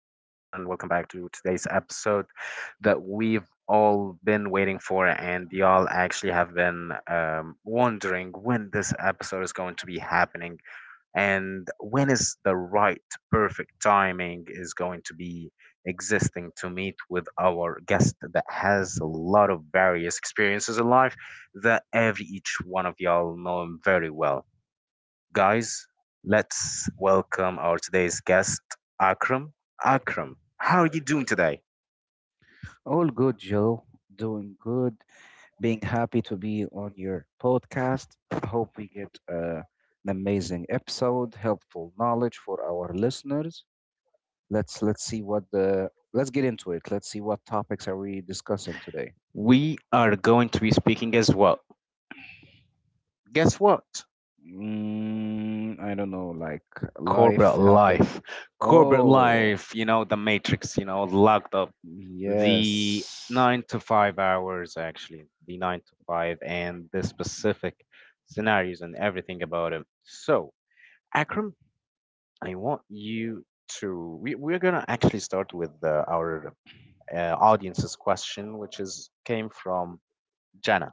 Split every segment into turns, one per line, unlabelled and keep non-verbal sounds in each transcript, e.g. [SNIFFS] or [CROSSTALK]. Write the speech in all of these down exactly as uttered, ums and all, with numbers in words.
welcome back to today's episode that we've all been waiting for, and y'all actually have been um, wondering when this episode is going to be happening and when is the right perfect timing is going to be existing to meet with our guest that has a lot of various experiences in life that every each one of y'all know him very well. Guys, let's welcome our today's guest, Akram. Akram, how are you doing today?
All good, Joe. Doing good. Being happy to be on your podcast. Hope we get uh, an amazing episode, helpful knowledge for our listeners. Let's let's see what the let's get into it. Let's see what topics are we discussing today.
We are going to be speaking as well. Guess what?
Mm, I don't know, like life
Corporate
happen.
life. Corporate
Oh,
life, you know, the matrix, you know, locked up. The
yes.
nine to five hours, actually, the nine to five, and the specific scenarios and everything about it. So, Akram, I want you to we, we're gonna actually start with uh, our uh, audience's question, which is came from Jana.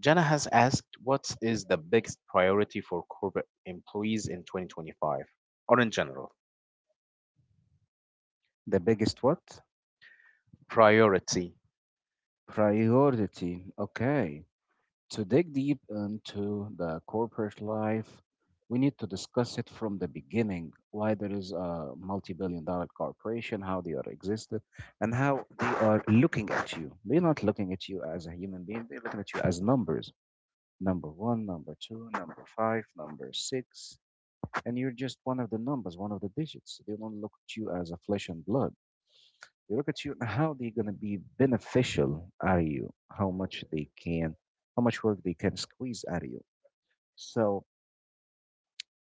Jana has asked, "What is the biggest priority for corporate employees in twenty twenty-five, or in general?"
The biggest what?
Priority.
Priority. Okay. To dig deep into the corporate life, we need to discuss it from the beginning why there is a multi billion dollar corporation, how they are existed, and how they are looking at you. They're not looking at you as a human being, they're looking at you as numbers number one, number two, number five, number six. And you're just one of the numbers, one of the digits. They don't look at you as a flesh and blood. They look at you and how they're going to be beneficial are you, how much they can, how much work they can squeeze out of you. So,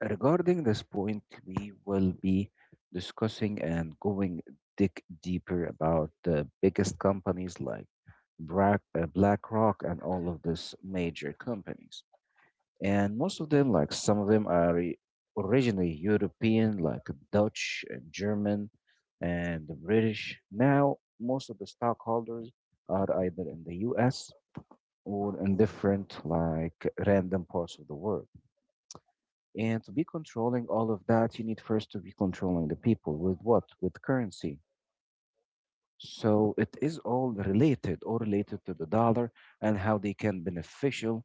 regarding this point, we will be discussing and going dig deeper about the biggest companies like Black, uh, BlackRock and all of these major companies. And most of them, like some of them, are i- originally European, like Dutch and German and the British. Now, most of the stockholders are either in the U S or in different, like, random parts of the world. And to be controlling all of that, you need first to be controlling the people with what? With currency. So it is all related or related to the dollar and how they can beneficial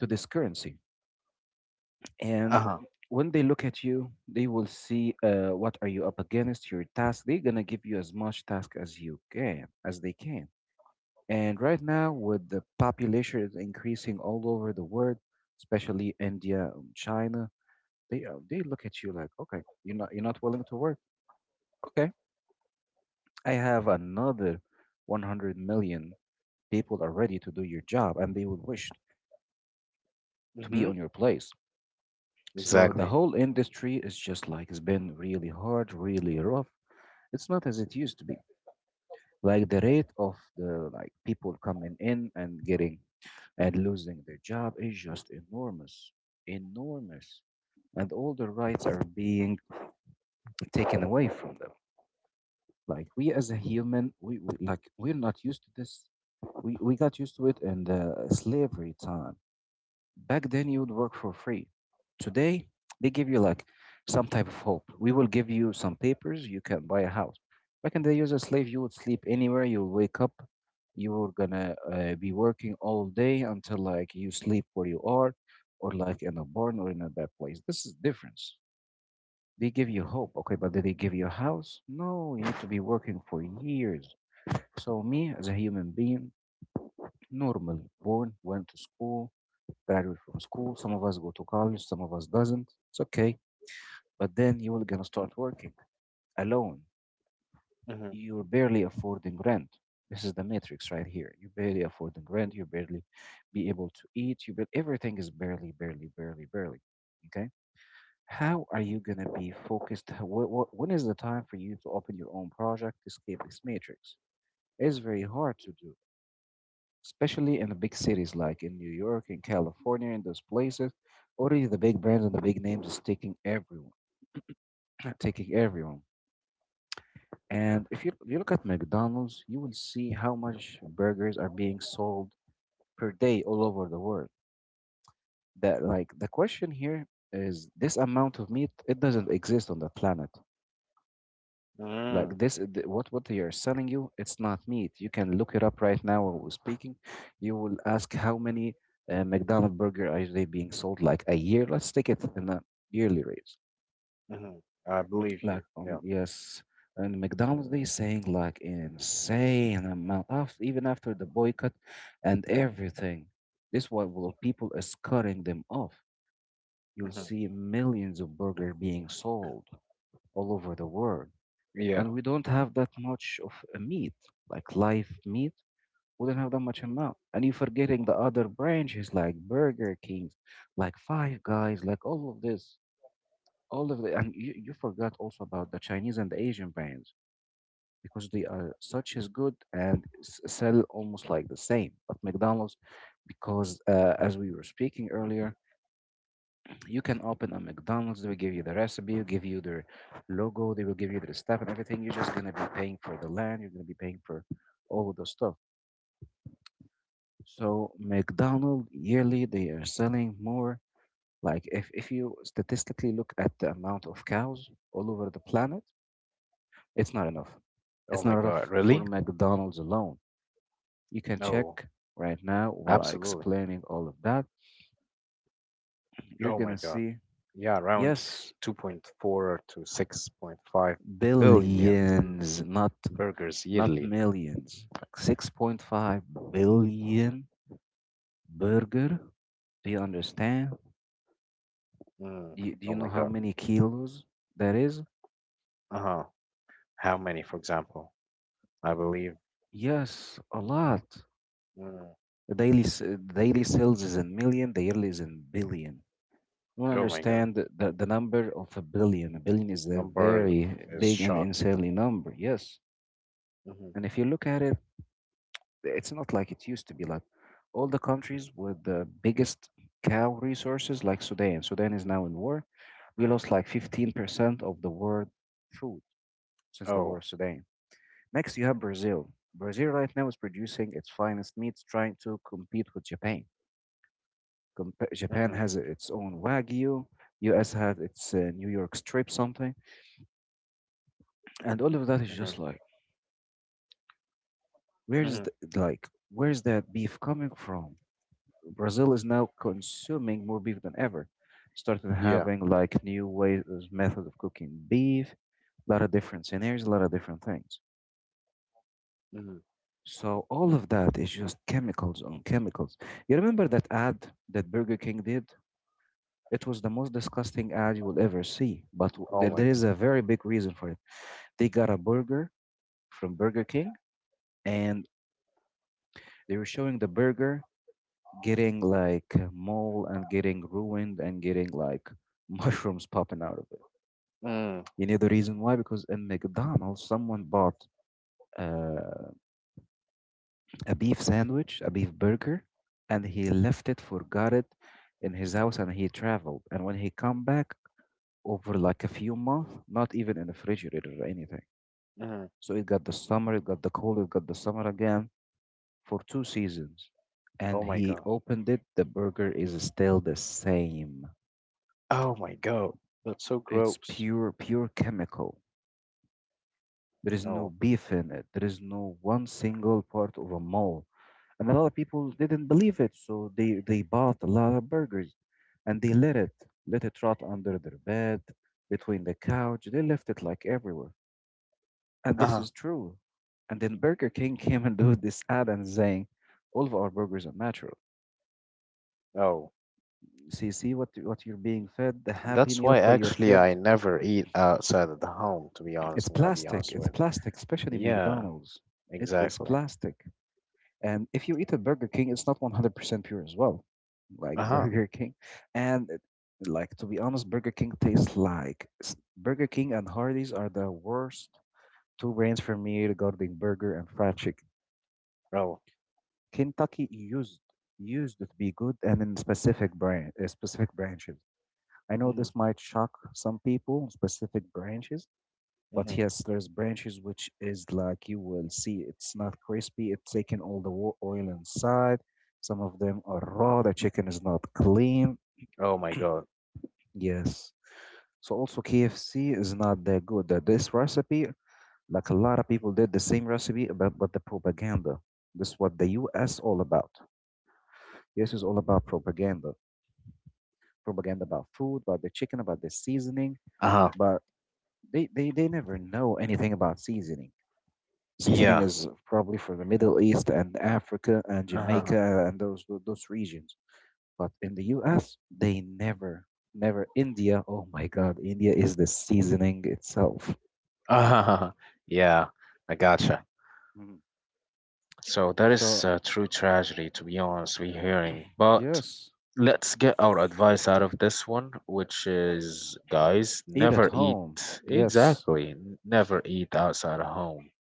to this currency. And
Uh-huh.
when they look at you, they will see uh, what are you up against, your task. They're gonna give you as much task as you can, as they can. And right now, with the population is increasing all over the world, especially India, and China, they uh, they look at you like, okay, you're not you're not willing to work. Okay, I have another one hundred million people are ready to do your job and they would wish to be
Hmm.
on your place. So the
Exactly.
whole industry is just like it's been really hard, really rough. It's not as it used to be. Like the rate of the like people coming in and getting and losing their job is just enormous, enormous, and all the rights are being taken away from them. Like we as a human, we, we like we're not used to this. We we got used to it in the slavery time. Back then, you would work for free. Today, they give you like some type of hope. We will give you some papers. You can buy a house. Back in the day, as a slave, you would sleep anywhere. You'll wake up. You were gonna uh, be working all day until like you sleep where you are, or like in a barn or in a bad place. This is difference. They give you hope, okay, but did they give you a house? No, you need to be working for years. So me as a human being, normal, born, went to school, graduated from school. Some of us go to college, some of us doesn't. It's okay. But then you will gonna start working alone.
Mhm.
You're barely affording rent. This is the matrix right here. You barely affording rent. You barely be able to eat. You but everything is barely, barely, barely, barely. Okay. How are you going to be focused? How- wh- wh- When is the time for you to open your own project, escape this matrix? It's very hard to do, especially in the big cities like in New York, in California, in those places. Already the big brands and the big names is taking everyone, [CLEARS THROAT] taking everyone. And if you, you look at McDonald's, you will see how much burgers are being sold per day all over the world. That like the question here is this amount of meat, it doesn't exist on the planet.
Mm.
Like this, uh, th- what what they are selling you, it's not meat. You can look it up right now while we're speaking. You will ask how many uh, McDonald's burger are they being sold like a year? Let's take it in a yearly rate.
Mhm. I believe
Like
you.
um
Yeah.
yes, and McDonald's they saying like insane amount of even after the boycott and everything. This what will people is cutting them off. You'll
Mhm.
see millions of burger being sold all over the world. And
Yeah.
we don't have that much of a meat, like live meat. We don't have that much amount. And you're forgetting the other branches like Burger Kings, like Five Guys, like all of this, all of the, and you, you forgot also about the Chinese and the Asian brands because they are such as good and s- sell almost like the same. But McDonald's, because uh, as we were speaking earlier, you can open a McDonald's. They will give you the recipe, will give you their logo, they will give you their stuff and everything. You're just gonna be paying for the land. You're gonna be paying for all of those stuff. So McDonald yearly they are selling more. Like if if you statistically look at the amount of cows all over the planet, it's not enough.
Oh
It's
my
not
God.
enough
Really?
for McDonald's alone. You can check
No.
right now while I
Absolutely.
explaining all of that. You're
Oh my
gonna
God.
see
Yeah, around
yes.
two point four to six point five billion
Billions, not
burgers
not
yearly.
millions. Like six point five billion burger. Do you understand?
Mm.
Do you, do you
Oh my
know how
God.
many kilos that is?
Uh-huh. How many, for example? I believe.
Yes, a lot.
Mm,
The daily s- daily sales is in million, the yearly is in billion. You don't
oh my god,
understand the, the, the number of a billion. A billion is a
number
very
is
big and
shocking.
insanely number, yes.
Hmm.
And if you look at it, it's not like it used to be like all the countries with the biggest cow resources like Sudan. Sudan is now in war. We lost like fifteen percent of the world food since the war
Oh.
of Sudan. Next, you have Brazil. Brazil right now is producing its finest meats, trying to compete with Japan. Compa- Japan
Hmm.
has its own Wagyu. U S has its uh, New York strip something, and all of that is
Hmm.
just like where is
Hmm.
the like where is that beef coming from? Brazil is now consuming more beef than ever. Started
Yeah.
having like new ways, method of cooking beef, a lot of different scenarios, a lot of different things.
Hmm.
So all of that is just chemicals on chemicals. You remember that ad that Burger King did? It was the most disgusting ad you will ever see. But w-
Oh
there
my
there
God.
is a very big reason for it. They got a burger from Burger King, and they were showing the burger getting like uh, mold and getting ruined and getting like [LAUGHS] mushrooms popping out of it.
Mm.
You know the reason why? Because in McDonald's, someone bought uh, a beef sandwich, a beef burger, and he left it, forgot it in his house, and he traveled. And when he come back over like a few months, not even in the refrigerator or anything.
Hmm.
So it got the summer, it got the cold, it got the summer again for two seasons.
Oh
And
my
he
God.
opened it, the burger is still the same.
Oh my God. That's so
It's
gross.
pure, pure chemical. There is no
Oh.
beef in it. There is no one single part of a mole, and a lot of people didn't believe it, so they they bought a lot of burgers and they let it let it rot under their bed, between the couch, they left it like everywhere. And this
Uh-huh.
is true. And then Burger King [LAUGHS] came and do this ad and saying all of our burgers are natural.
Oh.
See, see what what you're being fed, the happy
That's
meal
why
for your
actually
kid.
I never eat outside of the home. To be
It's
honest, I'm gonna be
plastic,
honest
it's
with you.
plastic, especially
Yeah.
McDonald's. It is
Exactly.
plastic. And if you eat a Burger King, it's not one hundred percent pure as well, like
Uh
[LAUGHS]
huh.
Burger King. And it- like to be honest, Burger King tastes like s- Burger King and Hardee's are the worst two brands for me regarding burger and fried chicken.
Oh.
Kentucky used used to be good and in specific brand uh, specific branches. I know
Hmm.
this might shock some people, specific branches, but
Hmm.
yes, there's branches which is like you will see it's not crispy, it's taken all the wo- oil inside. Some of them are raw, the chicken is not clean.
Oh my God.
Yes. So also K F C is not that good. That this recipe, like a lot of people did the same recipe, but, but the propaganda. This is what the U S all about. This is all about propaganda. Propaganda about food, about the chicken, about the seasoning.
Uh huh.
But they, they, they never know anything about seasoning. Seasoning
Yeah.
is probably for the Middle East and Africa and
Uh huh.
Jamaica and those tho- those regions. But in the U S, they never, never. India, oh my God, India is the seasoning itself.
Uh huh. [LAUGHS] Yeah. I gotcha.
Mhm.
So that is
So
a true tragedy, to be honest, we're hearing. But
yes,
let's get our advice out of this one, which is, guys,
eat at
never
home.
eat,
Yes.
exactly, n- never eat outside of home.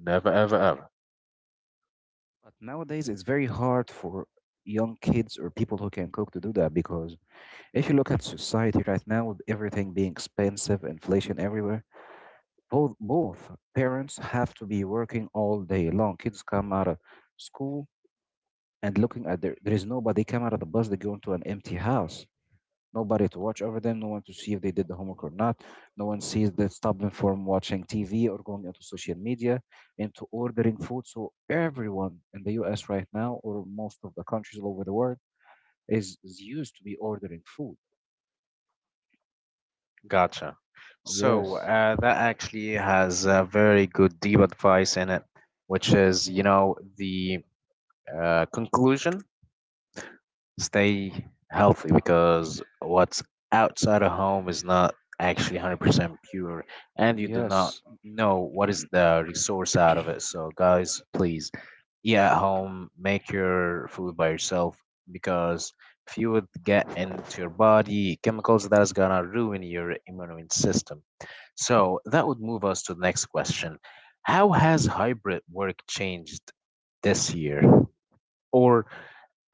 Never, ever, ever.
But nowadays it's very hard for young kids or people who can cook to do that, because if you look at society right now with everything being expensive, inflation everywhere, both both parents have to be working all day long. Kids come out of school and looking at their there is nobody. They come out of the bus, they go into an empty house, nobody to watch over them, no one to see if they did the homework or not, no one sees that, stop them from watching TV or going into social media, into ordering food. So everyone in the US right now, or most of the countries all over the world, is, is used to be ordering food.
Gotcha. So
Yes,
uh, that actually has a very good deep advice in it, which is, you know, the uh, conclusion. Stay healthy, because what's outside of home is not actually one hundred percent pure, and you do not
yes,
know what is the resource out of it. So guys, please eat at home, make your food by yourself, because if you would get into your body chemicals that is gonna ruin your immune system. So that would move us to the next question: how has hybrid work changed this year? Or,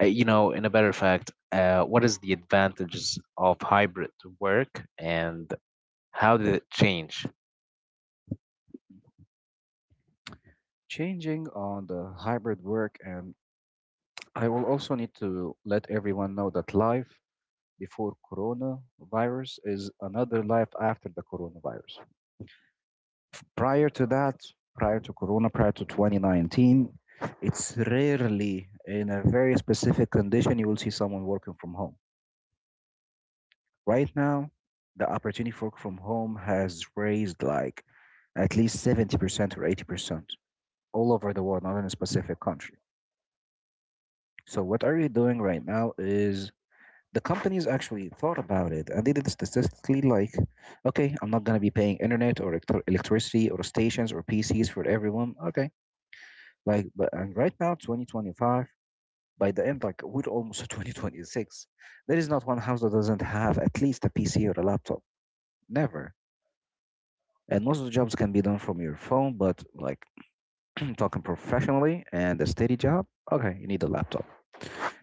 uh, you know, in a better fact, uh, what is the advantages of hybrid work and how did it change?
changing on the hybrid work. And I will also need to let everyone know that life before coronavirus is another life after the coronavirus. Prior to that, prior to Corona, prior to twenty nineteen, it's rarely in a very specific condition you will see someone working from home. Right now, the opportunity for work from home has raised like at least seventy percent or eighty percent all over the world, not in a specific country. So, what are we doing right now is the companies actually thought about it, and they did it statistically like, okay, I'm not going to be paying internet or electricity or stations or P Cs for everyone. Okay. Like, but and right now, twenty twenty-five, by the end, like we're almost at [LAUGHS] twenty twenty-six. There is not one house that doesn't have at least a P C or a laptop. Never. And most of the jobs can be done from your phone, but like [CLEARS THROAT] talking professionally and a steady job, okay, you need a laptop.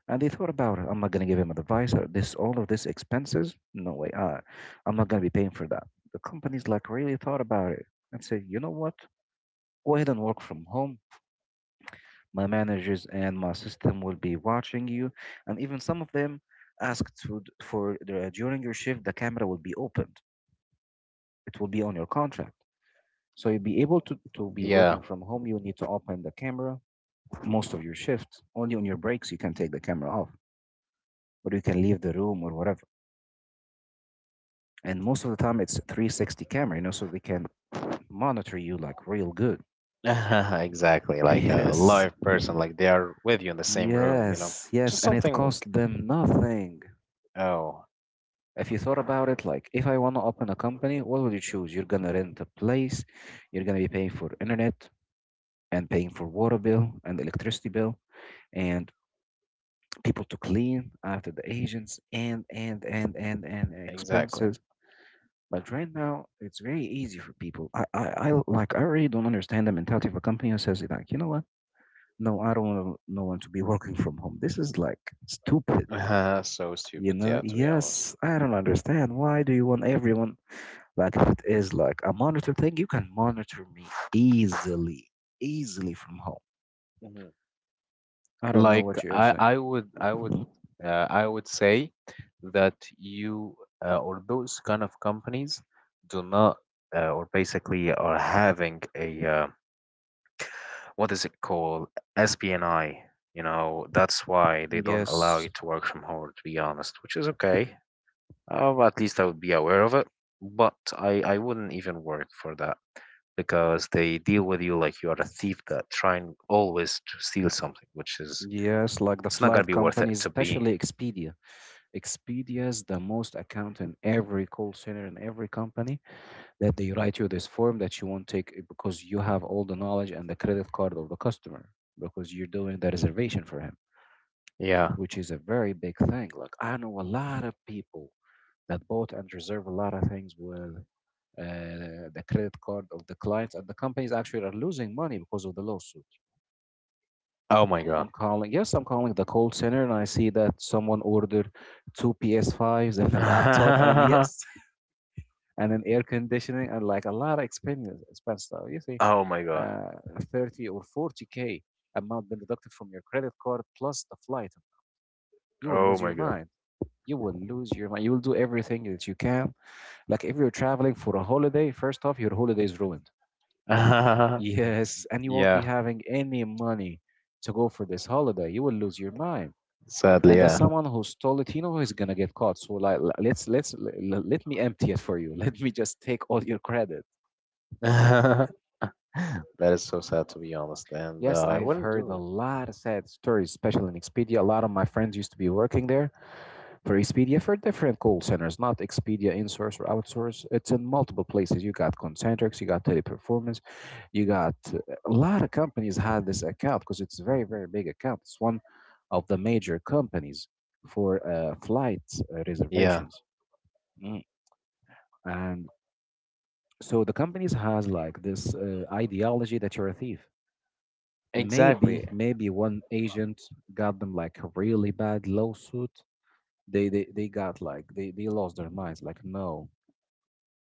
And they thought about it. I'm not gonna give him advice. Or this, all of this expenses? No way. Uh, I'm not gonna be paying for that. The companies like really thought about it and said, you know what? Go ahead and work from home. My managers and my system will be watching you, and even some of them asked to, for the, uh, during your shift, the camera will be opened. It will be on your contract. So you'll be able to, to be working
Yeah,
from home. You need to open the camera most of your shifts. Only on your breaks you can take the camera off, or you can leave the room or whatever. And most of the time it's three sixty camera, you know, so they can monitor you like real good.
[LAUGHS] exactly,
[LAUGHS]
like a
Yes.
live person, like they are with you in the same room, you know?
Yes, yes,
Just
and it
something,
costs them nothing.
oh,
If you thought about it, like if I want to open a company, what would you choose? You're gonna rent a place, you're gonna be paying for internet and paying for water bill and electricity bill and people to clean after the agents, and and and and and
exactly.
expenses. But right now, it's very easy for people. I I, I like I really don't understand the mentality of a company who says like, you know what? No, I don't want no one to be working from home. This is like stupid.
[LAUGHS] So
You
stupid,
know,
yeah, to be honest.
yes, I don't understand. Why do you want everyone? Like if it is like a monitor thing, you can monitor me easily, easily from home.
Mhm.
I don't know
Like
what you're
I,
saying.
I would, I would, uh, I would say that you uh, or those kind of companies do not uh, or basically are having a uh, what is it called S P N I. You know, that's why they don't allow
Yes,
you to work from home, to be honest, which is okay. Uh, at least I would be aware of it, but I, I wouldn't even work for that, because they deal with you like you are a thief that trying always to steal something, which is
yes, like the
it's not gonna
flight
be worth it
companies,
to be.
especially Expedia. Expedia is the most account in every call center in every company that they write you this form that you won't take it, because you have all the knowledge and the credit card of the customer, because you're doing the reservation for him,
Yeah.
which is a very big thing. Like I know a lot of people that bought and reserve a lot of things with uh, the credit card of the clients, and the companies actually are losing money because of the lawsuit.
Oh my
I'm
God.
calling, yes, I'm calling the call center, and I see that someone ordered two P S fives and a laptop, and
[LAUGHS]
yes, [LAUGHS] and an air conditioning, and like a lot of expense, expense stuff. You see,
Oh my God.
uh, thirty or forty k amount been deducted from your credit card plus the flight. You will
Oh
lose
my
your
God.
mind. You will lose your mind. You will do everything that you can. Like if you're traveling for a holiday, first off, your holiday is ruined.
[LAUGHS]
Yes, and you won't
Yeah.
be having any money to go for this holiday. You will lose your mind.
Sadly,
And that's
yeah.
someone who stole it, you know, is gonna get caught. So like, l- let's let's l- l- let me empty it for you. [LAUGHS] Let me just take all your credit.
[LAUGHS] That is so sad, to be honest, and
Yes,
uh, I
I've
wouldn't
heard
do
a
it.
lot of sad stories, especially in Expedia. A lot of my friends used to be working there, for Expedia for different call centers, not Expedia insource or outsource. It's in multiple places. You got Concentrix, you got Teleperformance, you got a lot of companies had this account because it's a very very big account. It's one of the major companies for uh, flight uh,
Yeah,
reservations. Mm. And so the companies has like this uh, ideology that you're a thief.
exactly.
Maybe maybe one agent got them like a really bad lawsuit. They, they, they got like they, they lost their minds like no.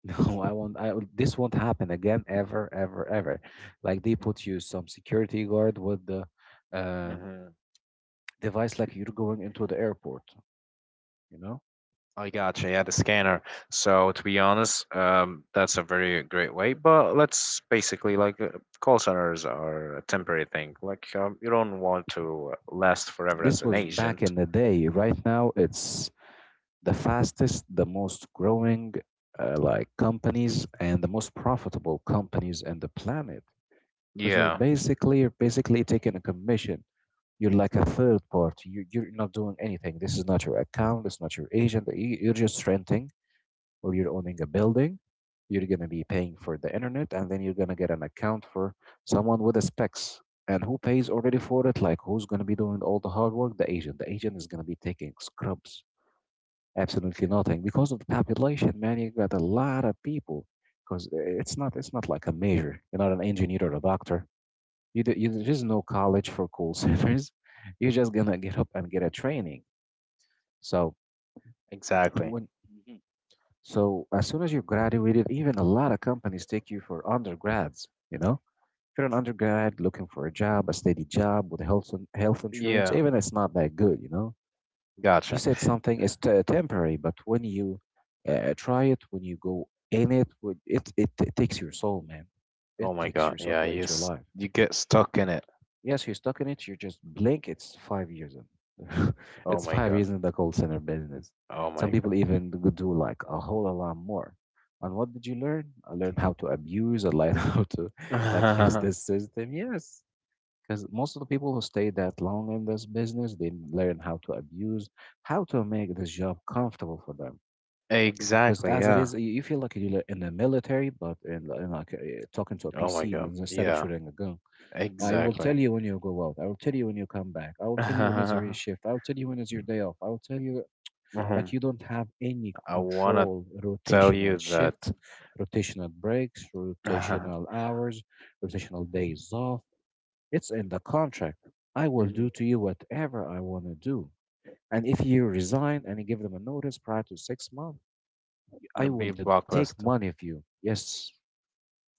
[LAUGHS] I won't. I will- this won't happen again ever, ever, ever. Like they put you some security guard with the uh,
Hmm.
device, like you're going into the airport. You know,
I gotcha. Yeah, the scanner. So to be honest, um, that's a very great way. But let's basically, like, uh, call centers are a temporary thing. Like, um, you don't want to last forever as
this
an
was back
agent.
in the day. Right now, it's the fastest, the most growing, uh, like companies and the most profitable companies in the planet. Because you're
Yeah,
basically you're basically taking a commission. You're like a third party. You, you're not doing anything. This is not your account. It's not your agent. you- You're just renting or you're owning a building, you're going to be paying for the internet, and then you're going to get an account for someone with the specs. And who pays already for it? Like, who's going to be doing all the hard work? The agent. The agent is going to be taking scrubs, absolutely nothing, because of the population. Man, you got a lot of people. Because it's not, it's not like a major. You're not an engineer or a doctor. You, d- you there's no college for call [LAUGHS] centers. You're just gonna get up and get a training. So
exactly.
when So as soon as you graduated, even a lot of companies take you for undergrads, you know? If you're an undergrad looking for a job, a steady job with health in- health insurance,
Yeah,
even it's not that good, you know? You
gotcha.
said something is t- temporary, but when you uh, try it, when you go in it, when- it, it, it takes your soul, man. It
Oh my
takes
God.
your soul
Yeah,
to
you
eat your
s-
life.
you get stuck in it.
Yes, you're stuck in it. You just blink. It's five years in. [LAUGHS]
Oh
It's
my
five
God.
years in the call center business.
Oh
Some
my
people even g- do like a whole lot more. And what did you learn? I learned how to abuse. I learned [LAUGHS] how to like use
God.
this system. Yes, because most of the people who stay that long in this business, they learn how to abuse, how to make this job comfortable for them.
[LAUGHS]
Because
Exactly.
as it
Yeah.
is, you you feel like you're in the military, but in, in like uh, talking to a
Oh my
P C
God.
and instead of
Yeah,
shooting a gun. I will
exactly.
tell you when you go out. I will tell you when you come back. I will tell you when is your
[LAUGHS]
shift. I will tell you when is your day off. I will tell you that
Mhm.
you don't have any
I wanna
control.
tell
Rotational
you
shifts,
that.
rotational breaks,
[LAUGHS]
rotational hours, rotational days off. It's in the contract. I will
Mhm.
do to you whatever I want to do. And if you resign and you give them a notice prior to six months, I
You'll
will
be
de- take
blacklist.
money of you. Yes.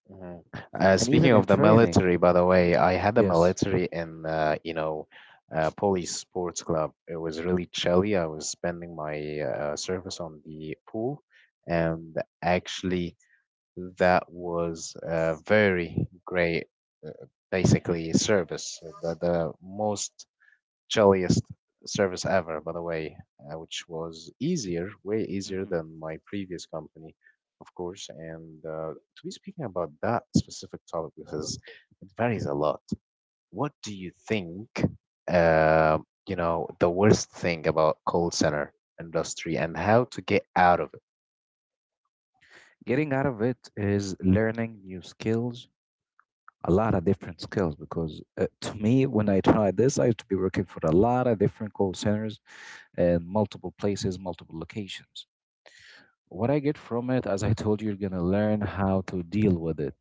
Mhm. Uh,
And
speaking
even in
of the
training.
military, by the way,
Mm.
I had the
Yes.
military in, uh, you know, uh, police sports club. It was really chilly. I was spending my uh, service on the pool, and actually, that was a very great, uh, basically, service. The, the most chilliest service ever, by the way, uh, which was easier, way easier
hmm
than my previous company, of course. And uh, to be speaking about that specific topic, because it varies a lot. What do you think? Uh, you know, the worst thing about call center industry and how to get out of it
Getting out of it is learning new skills, a lot of different skills. Because uh, to me, when I tried this, I used to be working for a lot of different call centers and multiple places, multiple locations. What I get from it, as I told you, you're going to learn how to deal with it.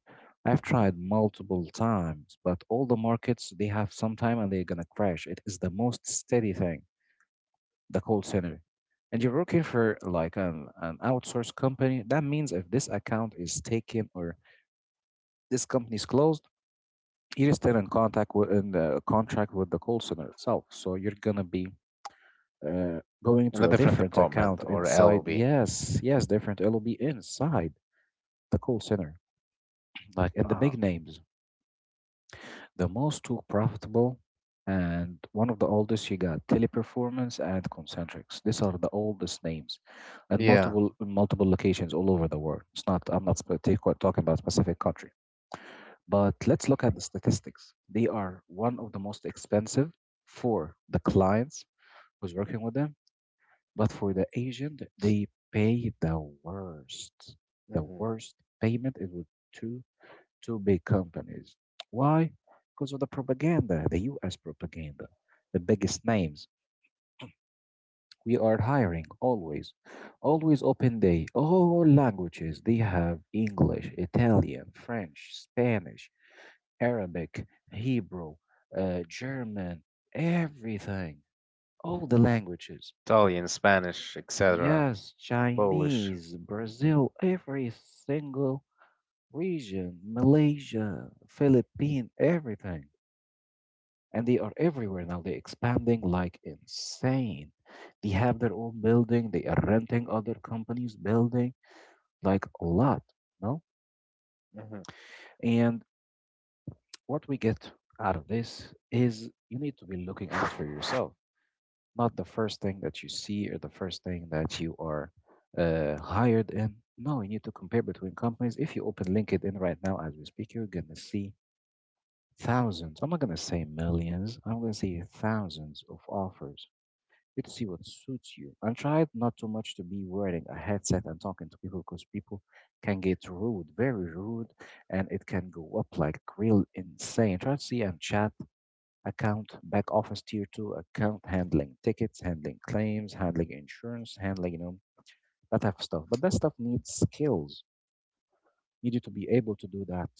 I've tried multiple times, but all the markets, they have some time and they're going to crash. It is the most steady thing, the call center. And you're working for like an, an outsourced company. That means if this account is taken or this company is closed, you're still in contact with in the contract with the call center itself. So you're gonna be uh, going
in a
to a
different
different
department
account
or
inside.
L O B.
Yes, yes, different. It'll be inside the call center, like in the
Uh,
big names, the most two profitable. And one of the oldest, you got Teleperformance and Concentrics. These are the oldest names, and
yeah.
multiple multiple locations all over the world. It's not. I'm not spe- take- talking about specific country. But let's look at the statistics. They are one of the most expensive for the clients who's working with them, but for the agent, they pay the worst. The
Hmm.
worst payment is with two two big companies. Why? Because of the propaganda, the U S propaganda, the biggest names. We are hiring always, always open day, all languages. They have English, Italian, French, Spanish, Arabic, Hebrew, uh, German, everything, all the languages.
Italian, Spanish, et cetera.
Yes,
Polish.
Chinese, Brazil, every single region, Malaysia, Philippines, everything. And they are everywhere now. They're expanding like insane. They have their own building. They are renting other companies' building, like a lot, no?
Hmm.
And what we get out of this is you need to be looking out for yourself. Not the first thing that you see or the first thing that you are uh, hired in. No, you need to compare between companies. If you open LinkedIn right now as we speak, you're going to see thousands. I'm not going to say millions, I'm going to say thousands of offers. You need to see what suits you. And try not too much to be wearing a headset and talking to people because people can get rude, very rude, and it can go up like real insane. Try to see and chat account, back office tier two, account handling, tickets handling, claims handling, insurance handling, you know, that type of stuff. But that stuff needs skills. You need to be able to do that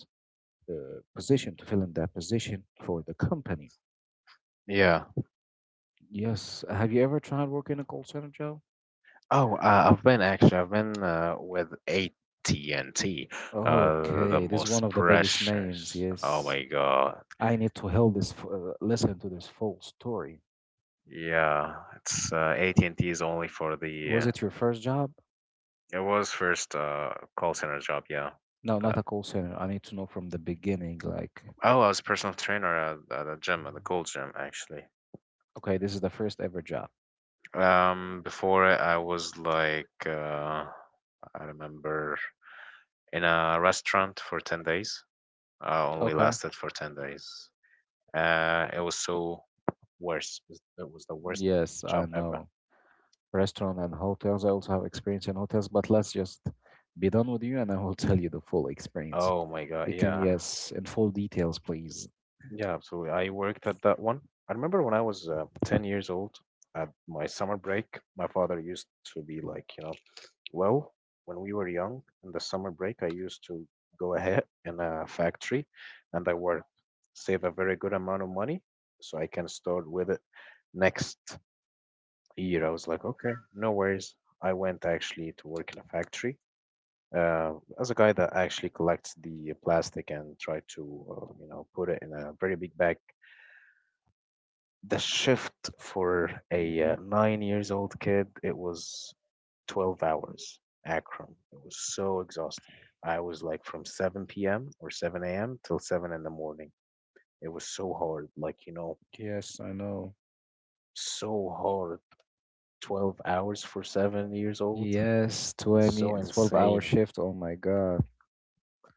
uh, position, to fill in that position for the company.
Yeah.
Yes. Have you ever tried working in a call center, Joe?
Oh, uh, I've been actually. I've been uh, with A T and T. Uh, the
Okay, this is one
most
of the biggest names.
pressures. Oh
Yes,
my God.
I need to help this. F- Uh, listen to this full story.
Yeah, it's uh, A T and T is only for
Was
the.
it your first job?
Uh, it was first uh, call center job. Yeah.
No, not
But,
a call center. I need to know from the beginning. Like,
oh, I was a personal trainer at, at a gym, at the cold gym, actually.
okay, this is the first ever job.
Um, before it, I was like, uh, I remember in a restaurant for ten days. Uh, only
Okay.
lasted for ten days. Uh, it was so worse. It's- It was the worst
Yes, I
job ever.
know. Restaurant and hotels. I also have experience in hotels, but let's just be done with you and I will [LAUGHS] tell you the full experience.
Oh my God.
You can,
Yeah.
yes, in full details, please.
Yeah, absolutely. I worked at that one. I remember when I was uh, ten years old. At my summer break, my father used to be like, you know, well, when we were young in the summer break, I used to go ahead in a factory and I work, save a very good amount of money so I can start with it next year. I was like, okay, no worries. I went actually to work in a factory, Uh, as a guy that actually collects the plastic and try to uh, you know put it in a very big bag. The shift for a
Mm-hmm.
uh, nine years old kid, it was twelve hours. Akron. It was so exhausting. I was like from seven p m or seven a m till seven in the morning. It was so hard. Like, you know,
Yes, I know.
so hard. Twelve hours for seven years old.
Yes, twenty
So
twelve hour
insane.
shift. Oh my God.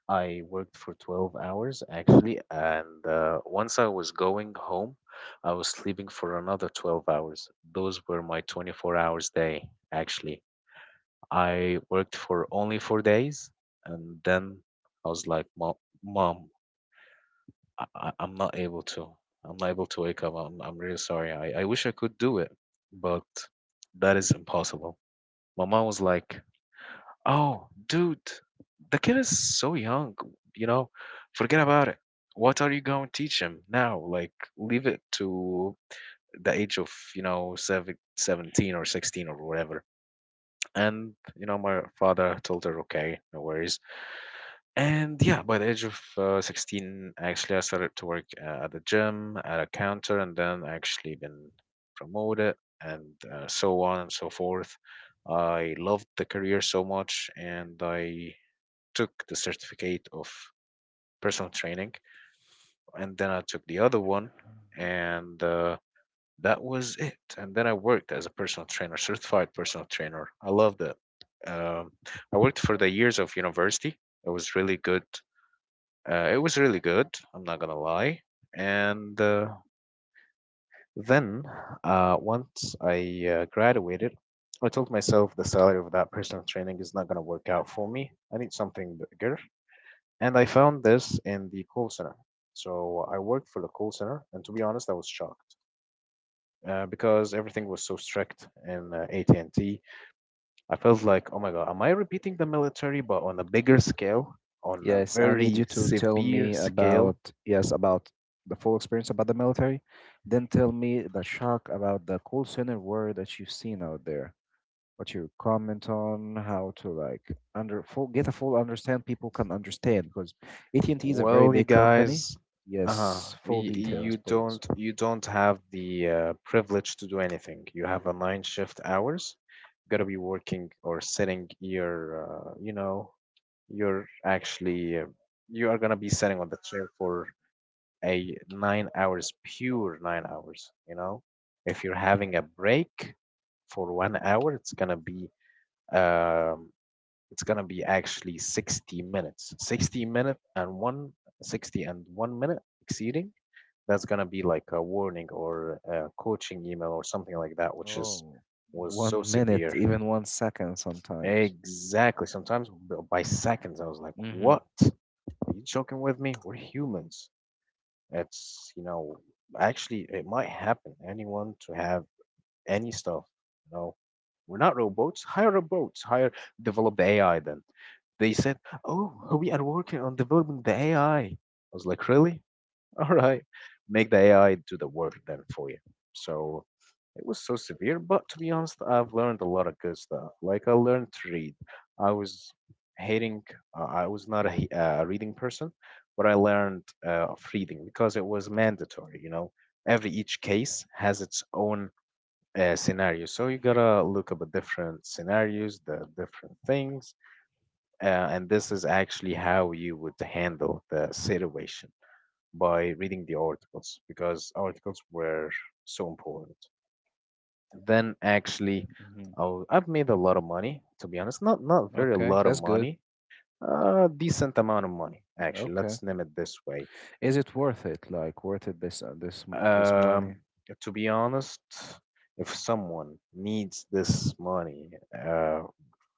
I worked for twelve hours actually, and uh, once I was going home, I was sleeping for another twelve hours. Those were my twenty-four hours day actually. I worked for only four days, and then I was like, "Mom, mom, I- I- I'm not able to. I'm not able to wake up. I'm I'm really sorry. I I wish I could do it, but that is impossible." My mom was like, "Oh, dude, the kid is so young, you know. Forget about it. What are you going to teach him now? Like, leave it to the age of, you know, seven, seventeen or sixteen or whatever." And, you know, my father told her, "Okay, no worries." And yeah, by the age of uh, sixteen, actually, I started to work uh, at the gym, at a counter, and then actually been promoted, and uh, so on and so forth. I loved the career so much, and I took the certificate of personal training, and then I took the other one, and uh, that was it. And then I worked as a personal trainer, certified personal trainer. I loved it. Um, I worked for the years of university. It was really good. Uh, it was really good. I'm not gonna lie. And uh, then uh, once I uh, graduated, I told myself the salary of that personal training is not gonna work out for me. I need something bigger. And I found this in the call center. So I worked for the call center, and to be honest, I was shocked uh, because everything was so strict in uh, A T and T. I felt like, oh my God, am I repeating the military, but on a bigger scale, on a
Yes, I need
very
you to tell
severe
me
scale?
about, yes, about the full experience about the military. Then tell me the shock about the call center war that you've seen out there. What you comment on, how to like under full get a full understand. People can understand because A T and T is a very
Well, you
big company.
guys, uh-huh,
Yes, full
y- you
details, please.
don't you don't have the uh, privilege to do anything. You have a nine shift hours. Gotta be working or sitting your, uh, you know, you're actually, uh, you are gonna be sitting on the chair for a nine hours, pure nine hours, you know if you're having a break for one hour. It's gonna be, um it's gonna be actually sixty minutes. sixty minute and one sixty and one minute exceeding, that's gonna be like a warning or a coaching email or something like that, which is
Oh,
was so
one minute,
severe.
even one second sometimes.
Exactly, sometimes b- by seconds, I was like,
Mhm.
what, are you joking with me? We're humans. It's, you know, actually, it might happen. Anyone to have any stuff, you know. We're not robots. Hire robots. Hire, develop the A I then. They said, oh, we are working on developing the A I. I I was like, really? [LAUGHS] All right. Make the A I do the work then for you. So it was so severe, but to be honest, I've learned a lot of good stuff. Like, I learned to read. I was hating, uh, I was not a he- uh, reading person, but I learned uh, of reading because it was mandatory, you know. Every each case has its own uh, scenario. So you gotta look up the different scenarios, the different things, uh, and this is actually how you would handle the situation by reading the articles because articles were so important. Then actually,
Hmm.
I w- I've made a lot of money, to be honest. Not not very a
Okay,
lot of
that's good.
money, a decent amount of money, actually.
Okay.
Let's name it this way.
Is it worth it? Like worth it this uh, this m- this money?
Um, to be honest, if someone needs this money uh,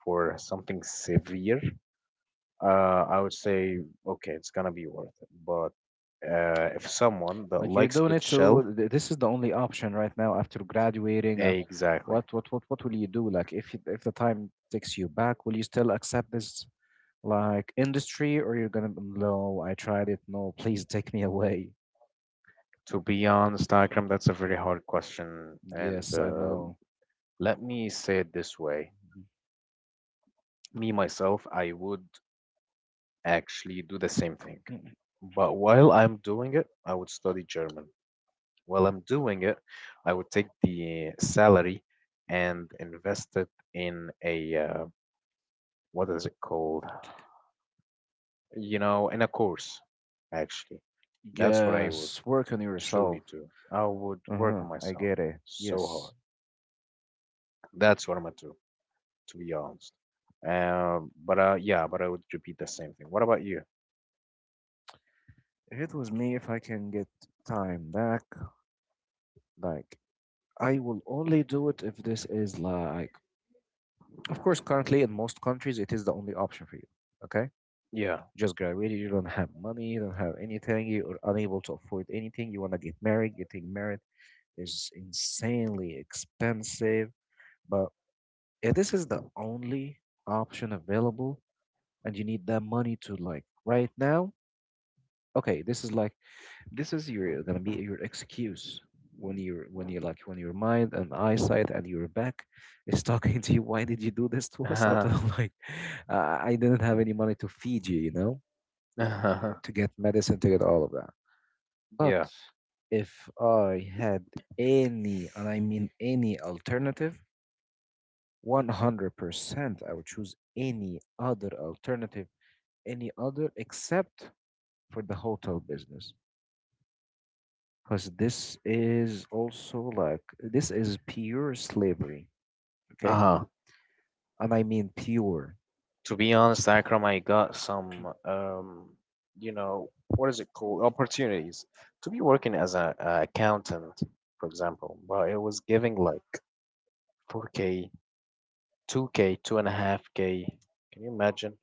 for something severe, uh, I would say, okay, it's gonna be worth it. But uh, if someone that
Like you're
likes
doing
to
it, so
chill,
th- this is the only option right now after graduating. Uh,
exactly.
what what what what will you do? Like if you- if the time takes you back, will you still accept this like industry, or you're gonna be, no? I tried it. No, please take me away.
To be honest, Akram, that's a very hard question. And
Yes, I
uh,
know.
let me say it this way, me, myself, I would actually do the same thing.
Mm.
But while I'm doing it, I would study German. While I'm doing it, I would take the salary and invest it in a, uh, what is it called? You know, in a course, actually. That's what I would
Yes, work on
truly
yourself.
do. I would work
Uh-huh,
on
I
myself
get it.
so
Yes.
hard. That's what I'm gonna do, to be honest. Um, but uh, yeah, but I would repeat the same thing. What about you?
If it was me, if I can get time back, like I will only do it if this is like, of course, currently in most countries, it is the only option for you. Okay,
Yeah. [LAUGHS]
just graduated, you don't have money, you don't have anything, you are unable to afford anything. You want to get married, getting married is insanely expensive, but yeah, this is the only option available, and you need that money to like right now. Okay, this is like this is your gonna be your excuse when you're when you're like when your mind and eyesight and your back is [LAUGHS] talking to you, why did you do this to us? [LAUGHS] Out
Uh-huh.
of like, uh, I didn't have any money to feed you, you know,
Uh-huh.
to get medicine, to get all of that, but
Yeah.
if I had any, and I mean any alternative, one hundred percent I would choose any other alternative, any other except for the hotel business, because this is also like this is pure slavery, okay,
Uh-huh.
and I mean pure.
To be honest, Akram, I got some um, you know, what is it called? Opportunities to be working as a, a accountant, for example. But it was giving like four K, two K, two point five K. Can you imagine?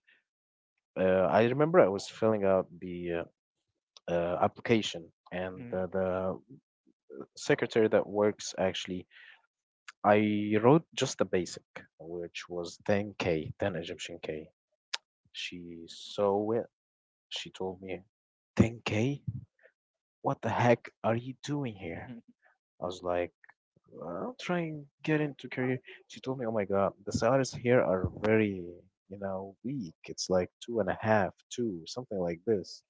Uh, I remember I was filling out the uh, uh, application, and
Mm.
the, the secretary that works actually, I wrote just the basic, which was ten k, ten Egyptian k. She saw it. She told me, ten k? What the heck are you doing here?
Mhm.
I was like, well, I'm trying to get into career. She told me, oh my God, the salaries here are very, you know, weak. It's like two and a half, two, something like this.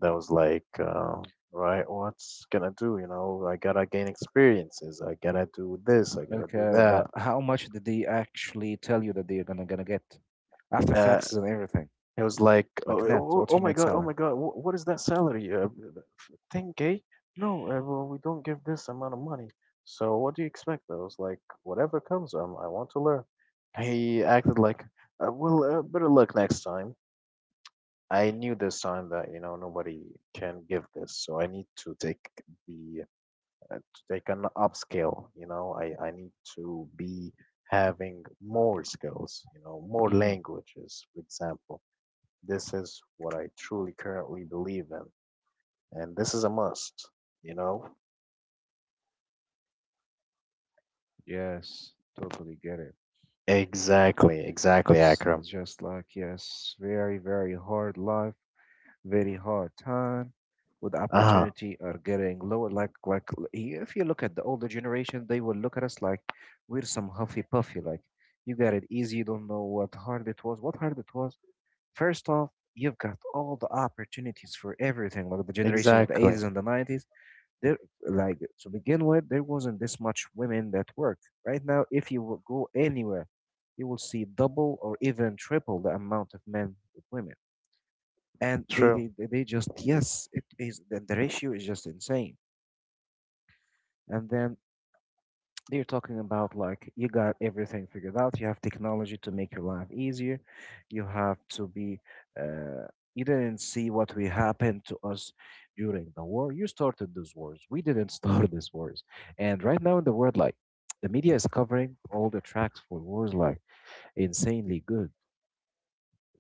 That was like, uh, right, what's gonna do? You know, I gotta gain experiences. I gotta do this. I gotta do
Okay, but
that.
how much did they actually tell you that they're gonna gonna get after
Uh,
taxes and everything?
It was like, oh,
Like net,
oh,
what's
oh
your
my
net
god, oh
salary?
my god, wh- what is that salary? Uh, ten k? No, uh, well, we don't give this amount of money. So what do you expect? I was like, whatever comes, um, I want to learn. He acted like, uh, well, uh, better luck next time. I knew this time that you know nobody can give this, so I need to take the uh, to take an upscale. You know, I I need to be having more skills. You know, more
Hmm.
languages, for example. This is what I truly currently believe in, and this is a must, you know?
Yes, totally get it.
Exactly, exactly,
It's
Akram.
just like, yes, very very hard life. Very hard time with
Uh huh,
opportunity are getting lower, like like l- i- if you look at the older generation, they will look at us like we're some huffy puffy like, you got it easy, you don't know what hard it was, what hard it was. First off, you've got all the opportunities for everything like the generation of the
exactly.
eighties and the nineties. There, like to begin with, there wasn't this much women that work. Right now, if you will go anywhere, you will see double or even triple the amount of men with women, and they
True.
they, they they just, yes, it is the, the ratio is just insane. And then they're talking about like you got everything figured out, you have technology to make your life easier, you have to be, uh, you didn't see what we happened to us during the war. You started those wars, we didn't [LAUGHS] start these wars. And right now in the world, like, the media is covering all the tracks for wars like insanely good,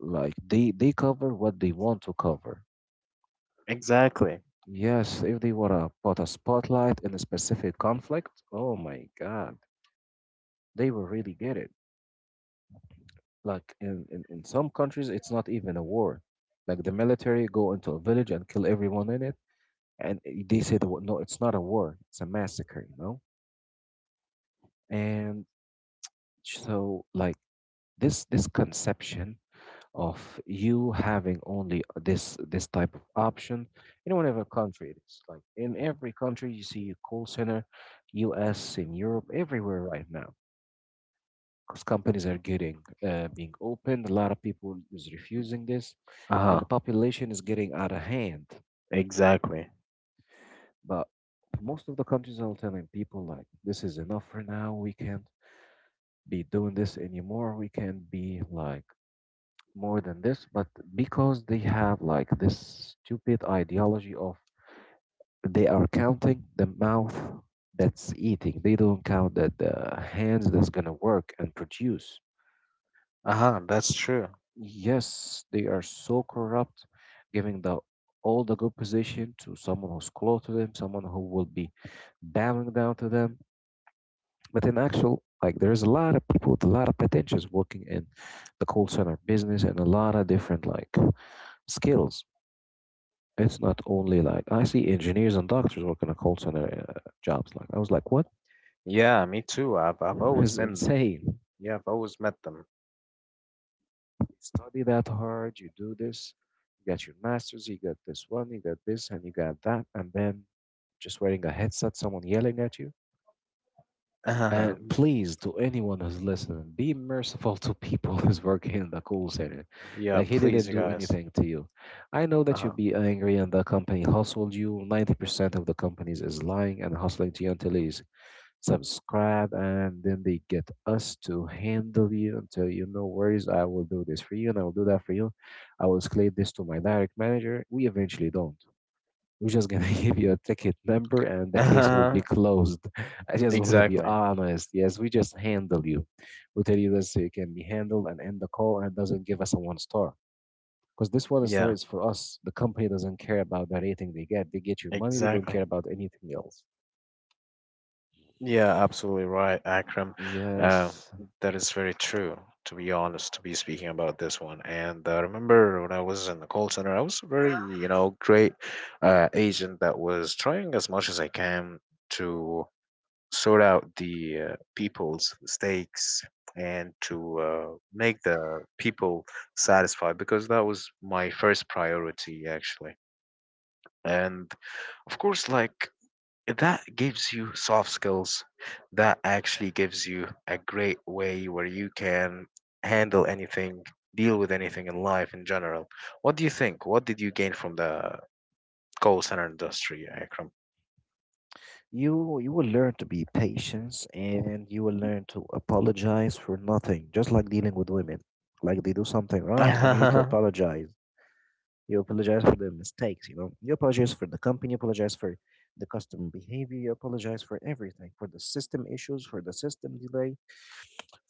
like they they cover what they want to cover.
Exactly.
Yes, if they were to put a spotlight in a specific conflict, oh my God, they will really get it. Like in, in, in some countries, it's not even a war. Like the military go into a village and kill everyone in it, and i- they say the wo- no, it's not a war, it's a massacre, you know? And so like this this conception of you having only this this type of option in whatever country it is. Like in every country, you see a call center, U S in Europe, everywhere right now, because companies are getting uh, being opened. A lot of people is refusing this,
Uh
and the
huh,
population is getting out of hand.
exactly.
But most of the countries are telling people like, "This is enough for now. We can't be doing this anymore. We can't be like more than this," but because they have like this stupid ideology of they are counting the mouth that's eating. They don't count that the hands that's gonna work and produce.
Uh huh, that's true.
Yes, they are so corrupt, giving the all the good position to someone who's close to them, someone who will be bowing down to them. But in actual, like there's a lot of people with a lot of potentials working in the call center business and a lot of different like skills. It's not only like I see engineers and doctors working a call center uh, jobs. Like I was like, what?
Yeah, me too. I've, I've
[LAUGHS]
always
It's
been,
insane. You
yeah, I've always met them.
study that hard, you do this, you got your masters, you got this one, you got this, and you got that, and then just wearing a headset, someone yelling at you.
Uh-huh.
And please, to anyone who's listening, be merciful to people [LAUGHS] who's working in the call center.
Yeah,
Like he
please,
didn't
you
do
guys.
anything to you. I know
Uh
that you
huh.
would be angry and the company hustled you. Ninety percent of the companies is lying and hustling to you until he's subscribe, and then they get us to handle you until, you know, worries. I will do this for you, and I will do that for you. I will escalate this to my direct manager. We eventually don't. We're just gonna [LAUGHS] give you a ticket number, and
Uh
the case will be
huh.
closed. [LAUGHS] I just want to be
Exactly.
honest. Yes, we just handle you. We tell you this so you can be handled and end the call, and doesn't give us a one star. Because this one star
Yeah,
is for us. The company doesn't care about the rating they get. They get your money. They don't care
exactly.
about anything else.
Yeah, absolutely right, Akram. Uh,
Yes,
that is very true, to be honest, to be speaking about this one. And I remember when I was in the call center, I was a very, you know, great uh, agent that was trying as much as I can to sort out the uh, people's mistakes and to uh, make the people satisfied because that was my first priority, actually. And of course, like that gives you soft skills that actually gives you a great way where you can handle anything, deal with anything in life in general. What do you think? What did you gain from the call center industry, Akram?
You you will learn to be patient and you will learn to apologize for nothing, just like dealing with women. Like they do something wrong and you need to
[LAUGHS]
apologize. You apologize for the mistakes, you know. You apologize for the company, you apologize for the customer behavior, you apologize for everything, for the system issues, for the system delay,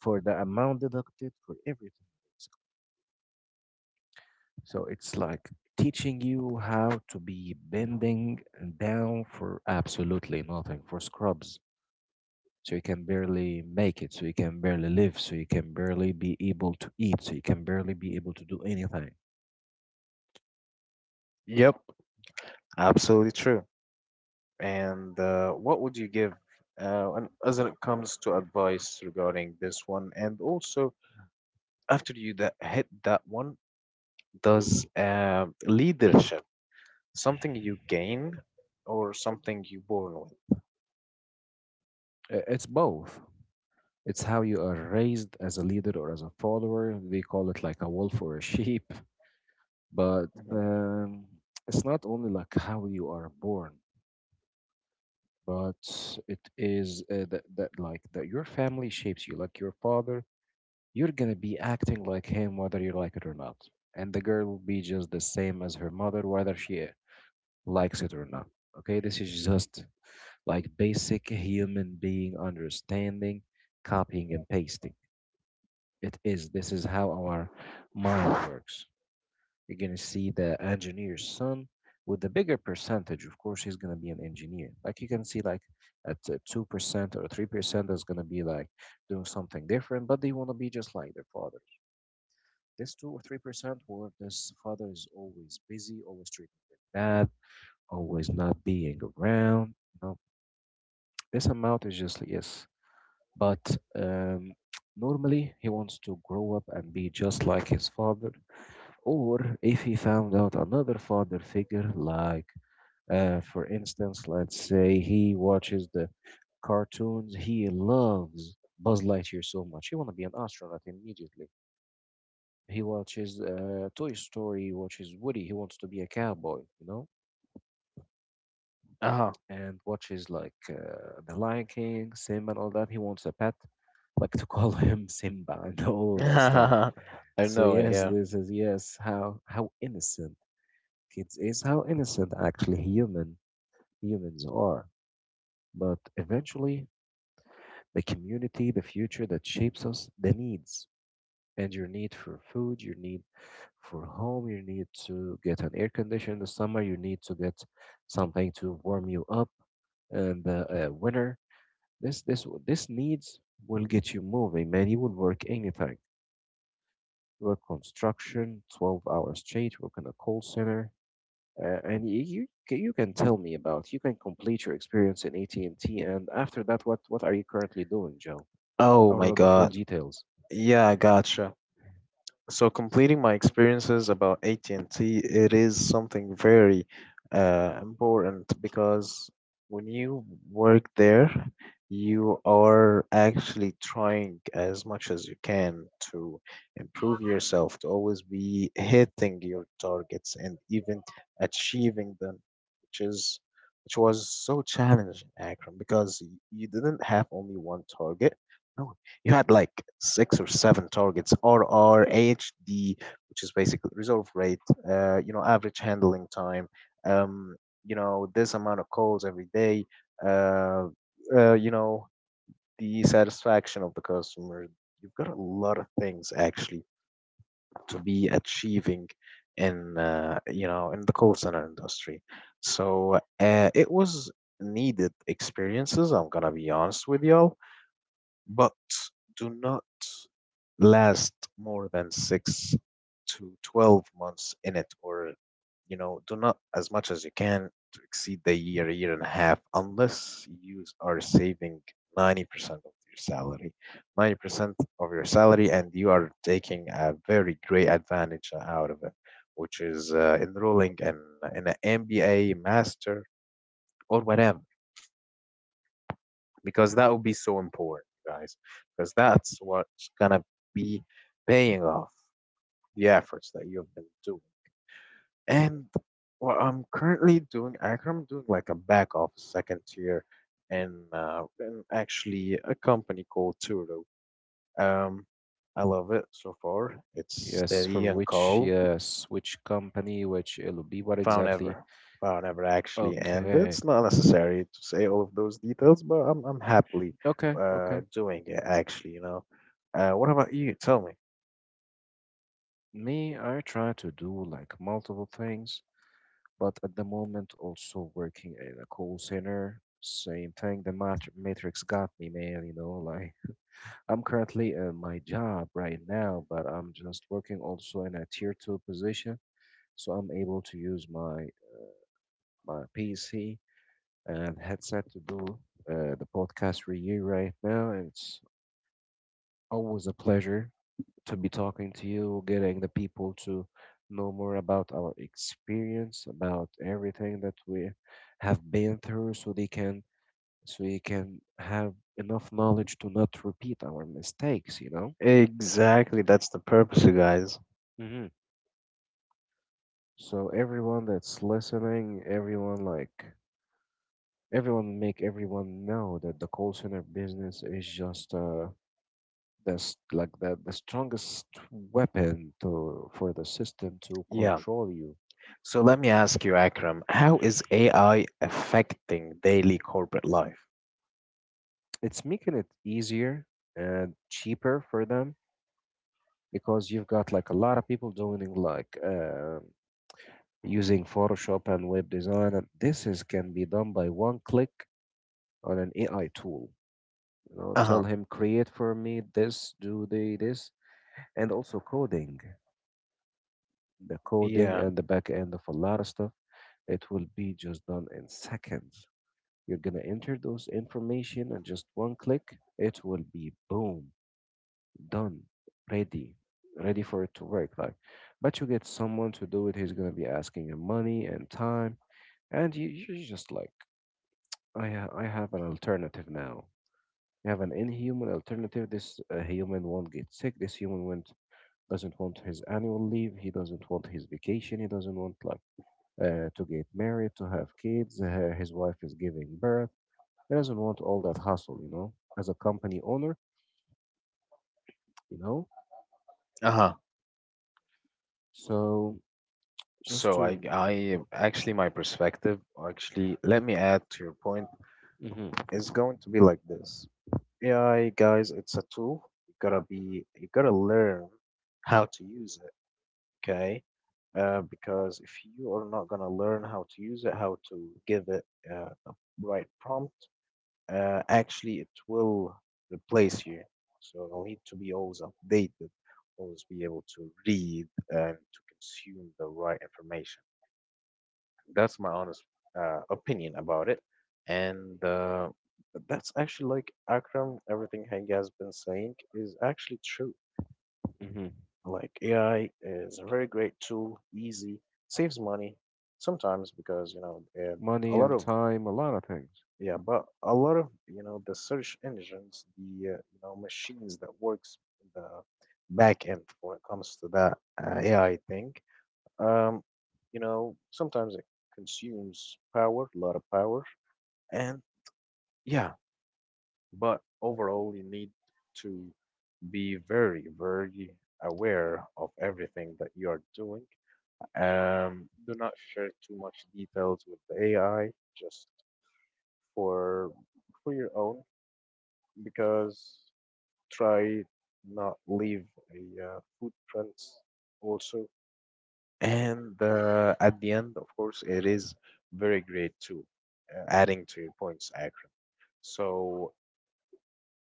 for the amount deducted, for everything. So it's like teaching you how to be bending down for absolutely nothing, for scrubs. So you can barely make it, so you can barely live, so you can barely be able to eat, so you can barely be able to do anything.
Yep, absolutely true. And uh, what would you give, uh, and as it comes to advice regarding this one, and also after you that hit that one, does um leadership, something you gain or something you born with?
I- it's both. It's how you are raised, as a leader or as a follower. They call it like a wolf or a sheep. but
Mhm.
um, it's not only like how you are born, but it is uh, that, that like that your family shapes you, like your father. You're gonna be acting like him whether you like it or not. And the girl will be just the same as her mother whether she likes it or not. Okay, this is just like basic human being understanding, copying and pasting. It is. This is how our mind works. You're gonna see the engineer's son with the bigger percentage. Of course, he's gonna be an engineer. Like you can see, like at two percent or three percent is gonna be like doing something different, but they wanna be just like their father. This two or three percent where this father is always busy, always treating them bad, always not being around. You know, this amount is just yes, but um, normally he wants to grow up and be just like his father, or if he found out another father figure, like uh, for instance, let's say he watches the cartoons, he loves Buzz Lightyear so much, he want to be an astronaut immediately. He watches uh, Toy Story, watches Woody. He wants to be a cowboy, you know,
Uh-huh.
and watches like uh, The Lion King, Simba, and all that. He wants a pet, like to call [LAUGHS] him Simba and
[LAUGHS]
all of that stuff.
I
So
know it,
yes,
yeah.
this is yes how how innocent kids is, how innocent actually human humans are. But eventually, the community, the future that shapes us, the needs, and your need for food, your need for home, you need to get an air conditioner in the summer, you need to get something to warm you up in the uh, winter. This this this needs will get you moving, man. You will work anything. Work construction, twelve hours straight. Work in a call center, uh, and you, you ca- you can tell me about. You can complete your experience in A T and T, and after that, what what are you currently doing, Joe? I
Oh
want to
my
know the full
God.
details.
Yeah, I gotcha. So, completing my experiences about A T and T, it is something very uh, important because when you work there, you are actually trying as much as you can to improve yourself, to always be hitting your targets and even achieving them, which is which was so challenging, Akram, because y- you didn't have only one target. No, you had like six or seven targets, rr ahd which is basically resolve rate, uh, you know average handling time, um, you know this amount of calls every day, uh, uh, you know the satisfaction of the customer. You've got a lot of things, actually, to be achieving in, uh, you know in the call center industry. So uh, it was needed experiences, I'm gonna be honest with y'all, but do not last more than six to twelve months in it, or you know, do not as much as you can to exceed the year, year and a half, unless you are saving ninety percent of your salary, ninety percent of your salary, and you are taking a very great advantage out of it, which is uh, enrolling in, in an M B A, master, or whatever, because that would be so important, guys, because that's what's gonna be paying off the efforts that you've been doing. And what I'm currently doing, Akram, I'm doing like a back office second tier in, uh, in actually a company called Turo. Um, I love it so far. It's
Yes, for
steady and
which,
calm.
yes, which company, which L O B, what
found
exactly?
ever found ever actually, and
Okay,
it's not necessary to say all of those details, but i'm, I'm happily
okay,
uh,
okay.
doing it, actually. You know, uh, what about you, tell me?
Me, I try to do like multiple things, but at the moment also working in a call center. Same thing, the mat matrix got me, man, you know, like [LAUGHS] I'm currently in my job right now, but I'm just working also in a tier two position, so I'm able to use my my P C and headset to do uh, the podcast review right now. And it's always a pleasure to be talking to you, getting the people to know more about our experience, about everything that we have been through, so they can so you can have enough knowledge to not repeat our mistakes, you know?
Exactly, that's the purpose, you guys.
Hmm. So everyone that's listening, everyone like everyone, make everyone know that the call center business is just uh that's like the, the strongest weapon to for the system to
Yeah,
control you.
so let me ask you, Akram, how is A I affecting daily corporate life?
It's making it easier and cheaper for them, because you've got like a lot of people doing it, like um using Photoshop and web design, and this is can be done by one click on an A I tool. You know, tell
Uh-huh.
him create for me this, do the this, and also coding, the coding
Yeah.
and the back end of a lot of stuff. It will be just done in seconds. You're gonna enter those information and just one click, it will be boom. Done, ready, ready for it to work. Like, but you get someone to do it. He's gonna be asking him money and time, and you you're just like, I ha- I have an alternative now. You have an inhuman alternative. This uh, human won't get sick. This human won't doesn't want his annual leave. He doesn't want his vacation. He doesn't want like uh, to get married, to have kids. Uh, his wife is giving birth. He doesn't want all that hustle, you know. As a company owner, you know.
Uh-huh.
So just
So I
to
I actually, my perspective, or actually let me add to your point,
Mhm.
is going to be like this. A I, guys, it's a tool. You gotta be you gotta learn how to use, okay? Uh, because if you are not gonna learn how to use it, how to give it uh, a right prompt, uh, actually it will replace you. So you'll need to be always updated, always be able to read and to consume the right information. That's my honest uh, opinion about it, and uh, that's actually like Akram. Everything he has been saying is actually true.
Hmm.
Like A I is a very great tool, easy, saves money sometimes because you know uh, a
Money
lot
and
of,
time, a lot of things.
yeah, but a lot of, you know the search engines, the uh, you know machines that works in the back end when it comes to that uh, A I thing. Um, you know sometimes it consumes power, a lot of power, and yeah, but overall you need to be very very aware of everything that you are doing. Um, do not share too much details with the A I just for for your own because try not leave a uh, footprints also. And uh, at the end, of course, it is very great too, uh, adding to your points, Akram. So,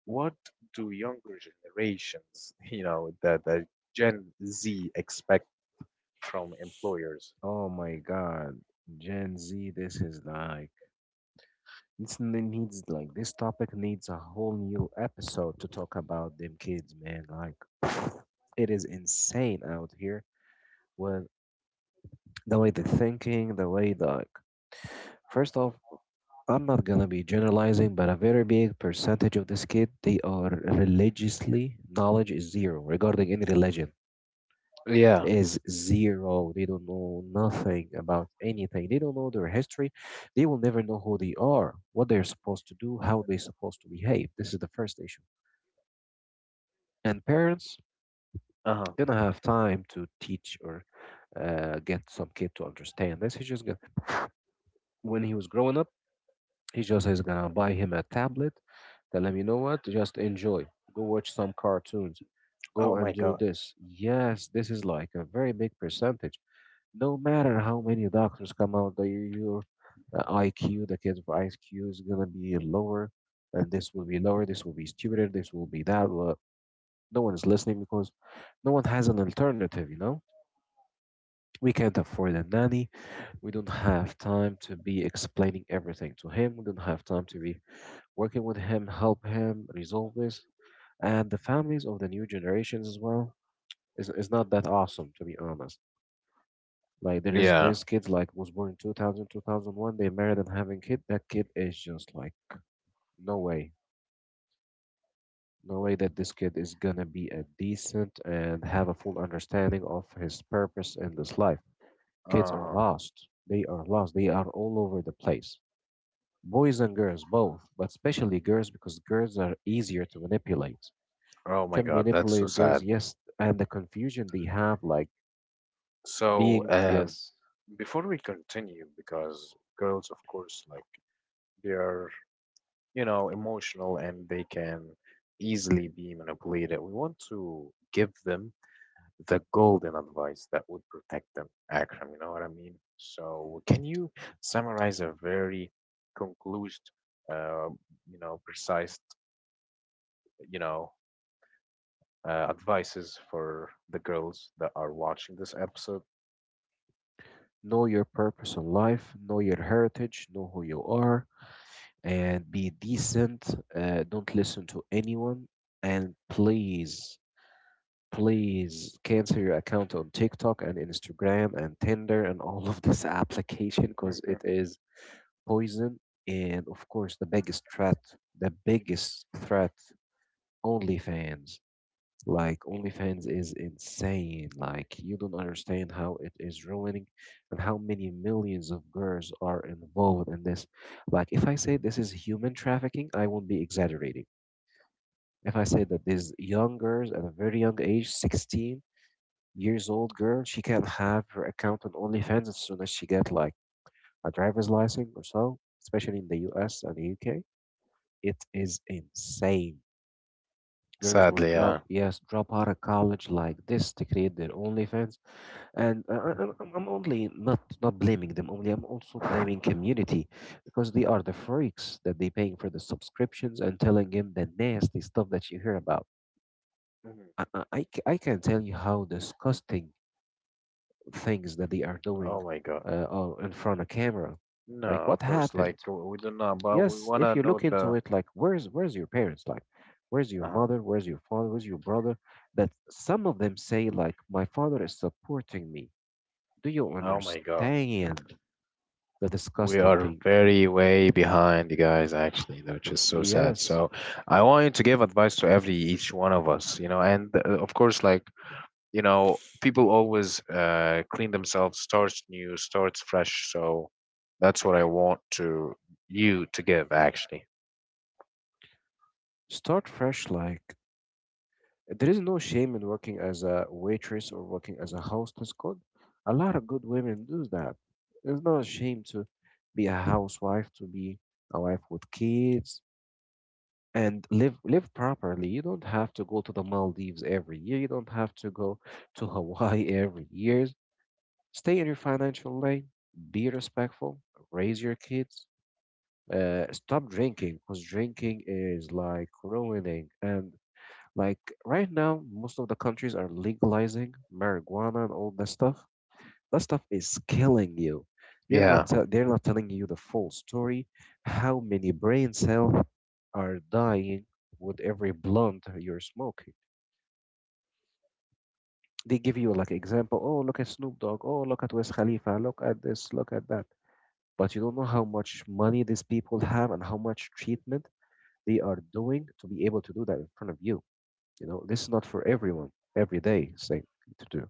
what do younger generations, [LAUGHS] you know, the, the Gen Z expect from employers?
Oh my God, Gen Z, this is like this n- needs like this topic needs a whole new episode to talk about them kids, man. Like [SNIFFS] it is insane out here with the way they're thinking, the way like first off, I'm not gonna be generalizing, but a very big percentage of this kid, they are religiously knowledge is zero regarding any religion.
Yeah.
Is zero. They don't know nothing about anything. They don't know their history. They will never know who they are, what they're supposed to do, how they're supposed to behave. This is the first issue. And parents
Uh-huh.
gonna have time to teach or uh, get some kid to understand this. He's just gonna, when he was growing up, he just is gonna buy him a tablet. Tell him, you know what? Just enjoy. Go watch some cartoons.
Oh
Go
my
and do
God.
this. Yes, this is like a very big percentage. No matter how many doctors come out, the, your uh, I Q, the kids' I Q is gonna be lower, and this will be lower. This will be stupider. This will be that. Well, no one is listening because no one has an alternative. You know, we can't afford a nanny. We don't have time to be explaining everything to him. We don't have time to be working with him, help him resolve this. And the families of the new generations as well is, is not that awesome, to be honest. Like there is there
Yeah.
is kids like was born in two thousand, they married and having kid. That kid is just like no way, no way that this kid is gonna be a decent and have a full understanding of his purpose in this life. Kids are
Uh-huh.
lost. They are lost. They are all over the place. Boys and girls both, but especially girls because girls are easier to manipulate.
Oh my
Can
God, that's so
manipulate girls,
sad.
yes, and the confusion they have, like
So,
being
um,
yes,
before we continue, because girls, of course, like they are, you know, emotional and they can easily be manipulated. We want to give them the golden advice that would protect them, Akram, you know what I mean? So, can you summarize a very conclused, uh, you know, precise, you know, uh, advices for the girls that are watching this episode?
know your purpose in life, know your heritage, know who you are and be decent. Uh, don't listen to anyone. And please, please cancel your account on TikTok and Instagram and Tinder and all of this [LAUGHS] application because it
[LAUGHS]
is poison. And of course, the biggest threat, the biggest threat, OnlyFans. Like OnlyFans is insane. Like you don't understand how it is ruining and how many millions of girls are involved in this. Like if I say this is human trafficking, I won't be exaggerating. If I say that these young girls at a very young age, sixteen years old girl, she can have her account on OnlyFans as soon as she get like a driver's license or so, especially in the U S and the U K. It is insane. Girls will
Sadly,
drop,
yeah.
yes, drop out of college like this to create their OnlyFans, and I, I- I'm, I'm only not not blaming them only, I'm also blaming community because they are the freaks that they paying for the subscriptions and telling him the nasty stuff that you hear about.
Hmm.
I i, I ca- I can tell you how disgusting things that they are doing
Oh my God.
uh, are in front of camera,
No,
like what
of course. Like
happened.
w- we don't know, but we
Yes,
wanna
if you look
know
into
the.
it, like where's where's your parents, like where's your
Oh,
mother, where's your father, where's your brother, that some of them say like my father is supporting me. Do you
oh my God.
understand the
We
disgusting
are
thing?
very way behind, you guys. Actually, which is so sad.
Yes.
So, I want you to give advice to every each one of us. You know, and uh, of course, like you know, people always uh, clean themselves, starts new, starts fresh. So, that's what I want to you to give. Actually,
Start fresh. Like, there is no shame in working as a waitress or working as a hostess. Good. A lot of good women do that. It's not a shame to be a housewife, to be a wife with kids, and live live properly. You don't have to go to the Maldives every year. You don't have to go to Hawaii [LAUGHS] every year. Stay in your financial lane. Be respectful. Raise your kids. Uh, stop drinking because drinking is like ruining. And like right now, most of the countries are legalizing marijuana and all that stuff. That stuff is killing you. You're not.
yeah.
te- they're not telling you the full story. How many brain cells are dying with every blunt you're smoking? They give you like example. Oh, look at Snoop Dogg. Oh, look at Wiz Khalifa. Look at this. Look at that. But you don't know how much money these people have and how much treatment they are doing to be able to do that in front of you. You know, this is not for everyone every day thing to do.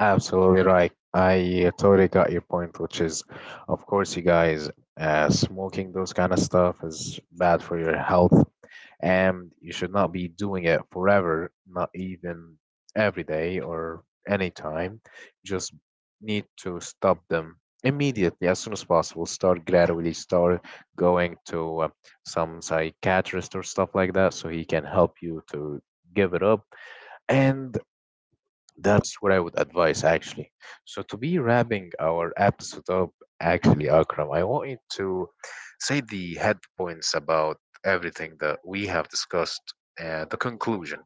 Absolutely right. I uh, totally got your point, which is, of course, you guys, uh, smoking those kind of stuff is bad for your health, and you should not be doing it forever, not even every day or any time. Just need to stop them immediately as soon as possible. Start gradually, start going to uh, some psychiatrist or stuff like that, so he can help you to give it up. And that's what I would advise, actually. So, to be wrapping our episode up, actually, Akram, I want you to say the head points about everything that we have discussed and the conclusion.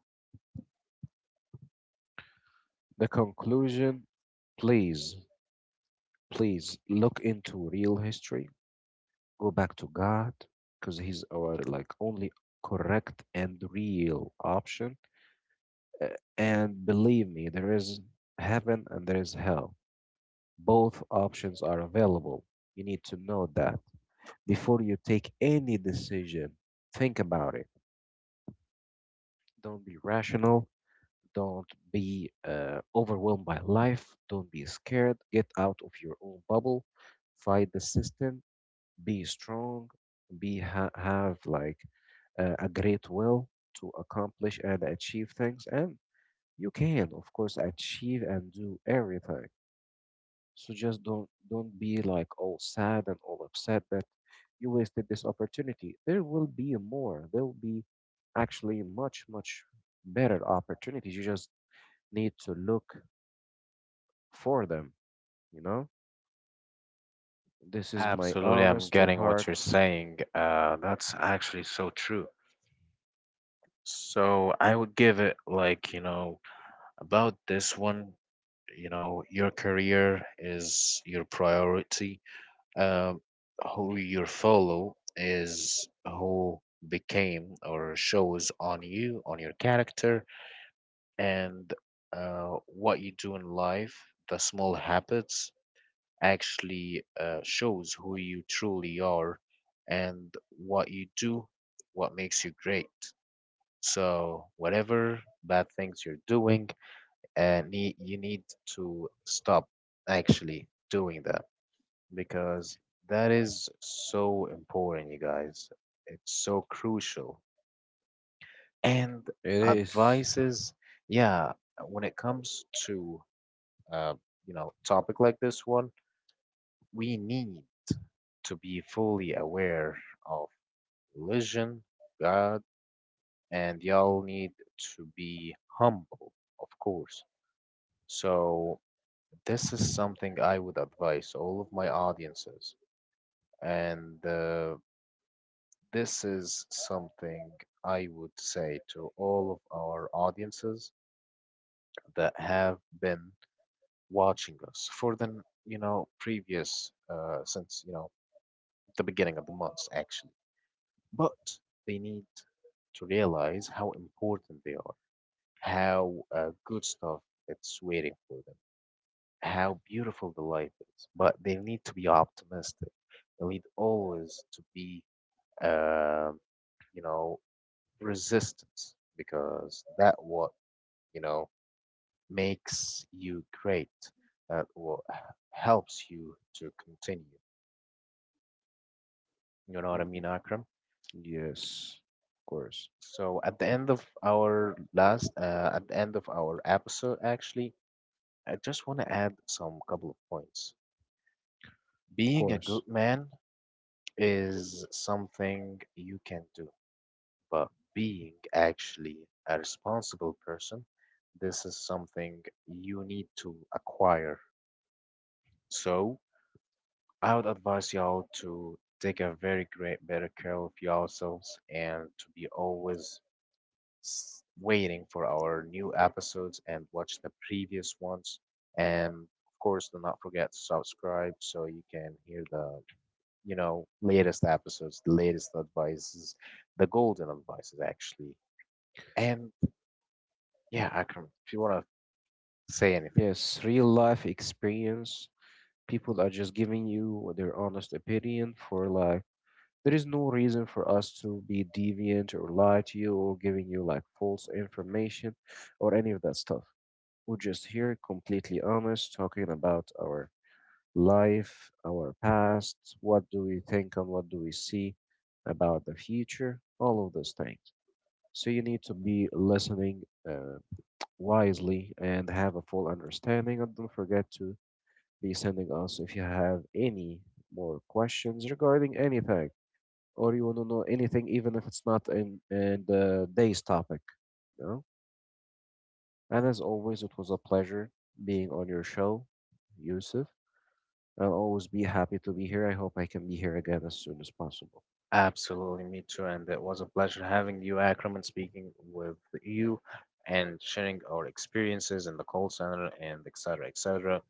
The conclusion, please, please look into real history. Go back to God because He's our like only correct and real option. Uh, And believe me, there is heaven and there is hell. Both options are available. You need to know that before you take any decision. Think about it. Don't be rational. Don't be uh, overwhelmed by life. Don't be scared. Get out of your own bubble. Fight the system. Be strong. Be ha- have like uh, a great will to accomplish and achieve things. And you can, of course, achieve and do everything. So just don't don't be like all sad and all upset that you wasted this opportunity. There will be more. There will be actually much much better opportunities. You just need to look for them, you know? This is my
Absolutely, I'm
honest to
getting what you're
heart.
saying. Uh, that's actually so true. So, I would give it like, you know, about this one, you know, your career is your priority. uh, who you follow is who became or shows on you, on your character, and uh, what you do in life, the small habits actually uh, shows who you truly are, and what you do, what makes you great. So, whatever bad things you're doing, uh, nee- you need to stop actually doing that because that is so important, you guys. It's so crucial. And
It is.
advices, yeah, when it comes to uh, you know, topic like this one, we need to be fully aware of religion, God, and y'all need to be humble, of course. So this is something I would advise all of my audiences. And uh, This is something I would say to all of our audiences that have been watching us for the, you know, previous, uh, since, you know, the beginning of the months, actually. But they need to realize how important they are, how uh, good stuff it's waiting for them, how beautiful the life is. But they need to be optimistic. They need always to be, uh, you know, resistance, because that what you know makes you great, that what h- helps you to continue, you know what I mean,
Mhm.
Akram?
Yes, of course.
So at the end of our last uh, at the end of our episode, actually, I just want to add some couple of points.
Of
Being a
course.
good man is something you can do, but being actually a responsible person, this is something you need to acquire. So I would advise y'all to take a very great better care of yourselves and to be always s- waiting for our new episodes and watch the previous ones. And of course, do not forget to subscribe so you can hear the you know latest episodes, the latest advices, the golden advices, actually. And yeah, Akram, if you want to say anything.
Yes, real life experience. People are just giving you their honest opinion for like, there is no reason for us to be deviant or lie to you or giving you like false information or any of that stuff. We're just here completely honest talking about our life, our past, what do we think and what do we see about the future, all of those things. So you need to be listening uh, wisely and have a full understanding. And don't forget to be sending us if you have any more questions regarding anything or you want to know anything, even if it's not in, in the day's topic. You know? And as always, it was a pleasure being on your show, Yusuf. I'll always be happy to be here. I hope I can be here again as soon as possible.
Absolutely, me too. And it was a pleasure having you, Akram, and speaking with you and sharing our experiences in the call center and et cetera, et cetera.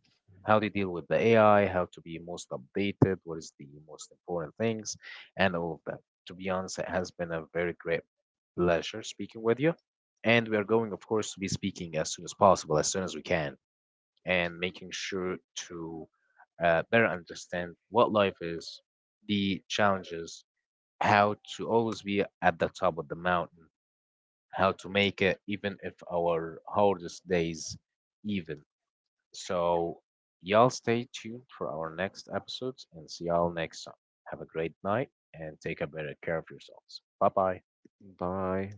How to deal with the A I, how to be most updated, what is the most important things, and all of that. To be honest, it has been a very great pleasure speaking with you. And we are
Mhm.
going, of course, to be speaking as soon as possible, as soon as we can, and making sure to uh, better understand what life is, the challenges, how to always be at the top of the mountain, how to make it even if our hardest days even. So, y'all stay tuned for our next episodes and see y'all next time. Have a great night and take a better care of yourselves. Bye bye.
Bye.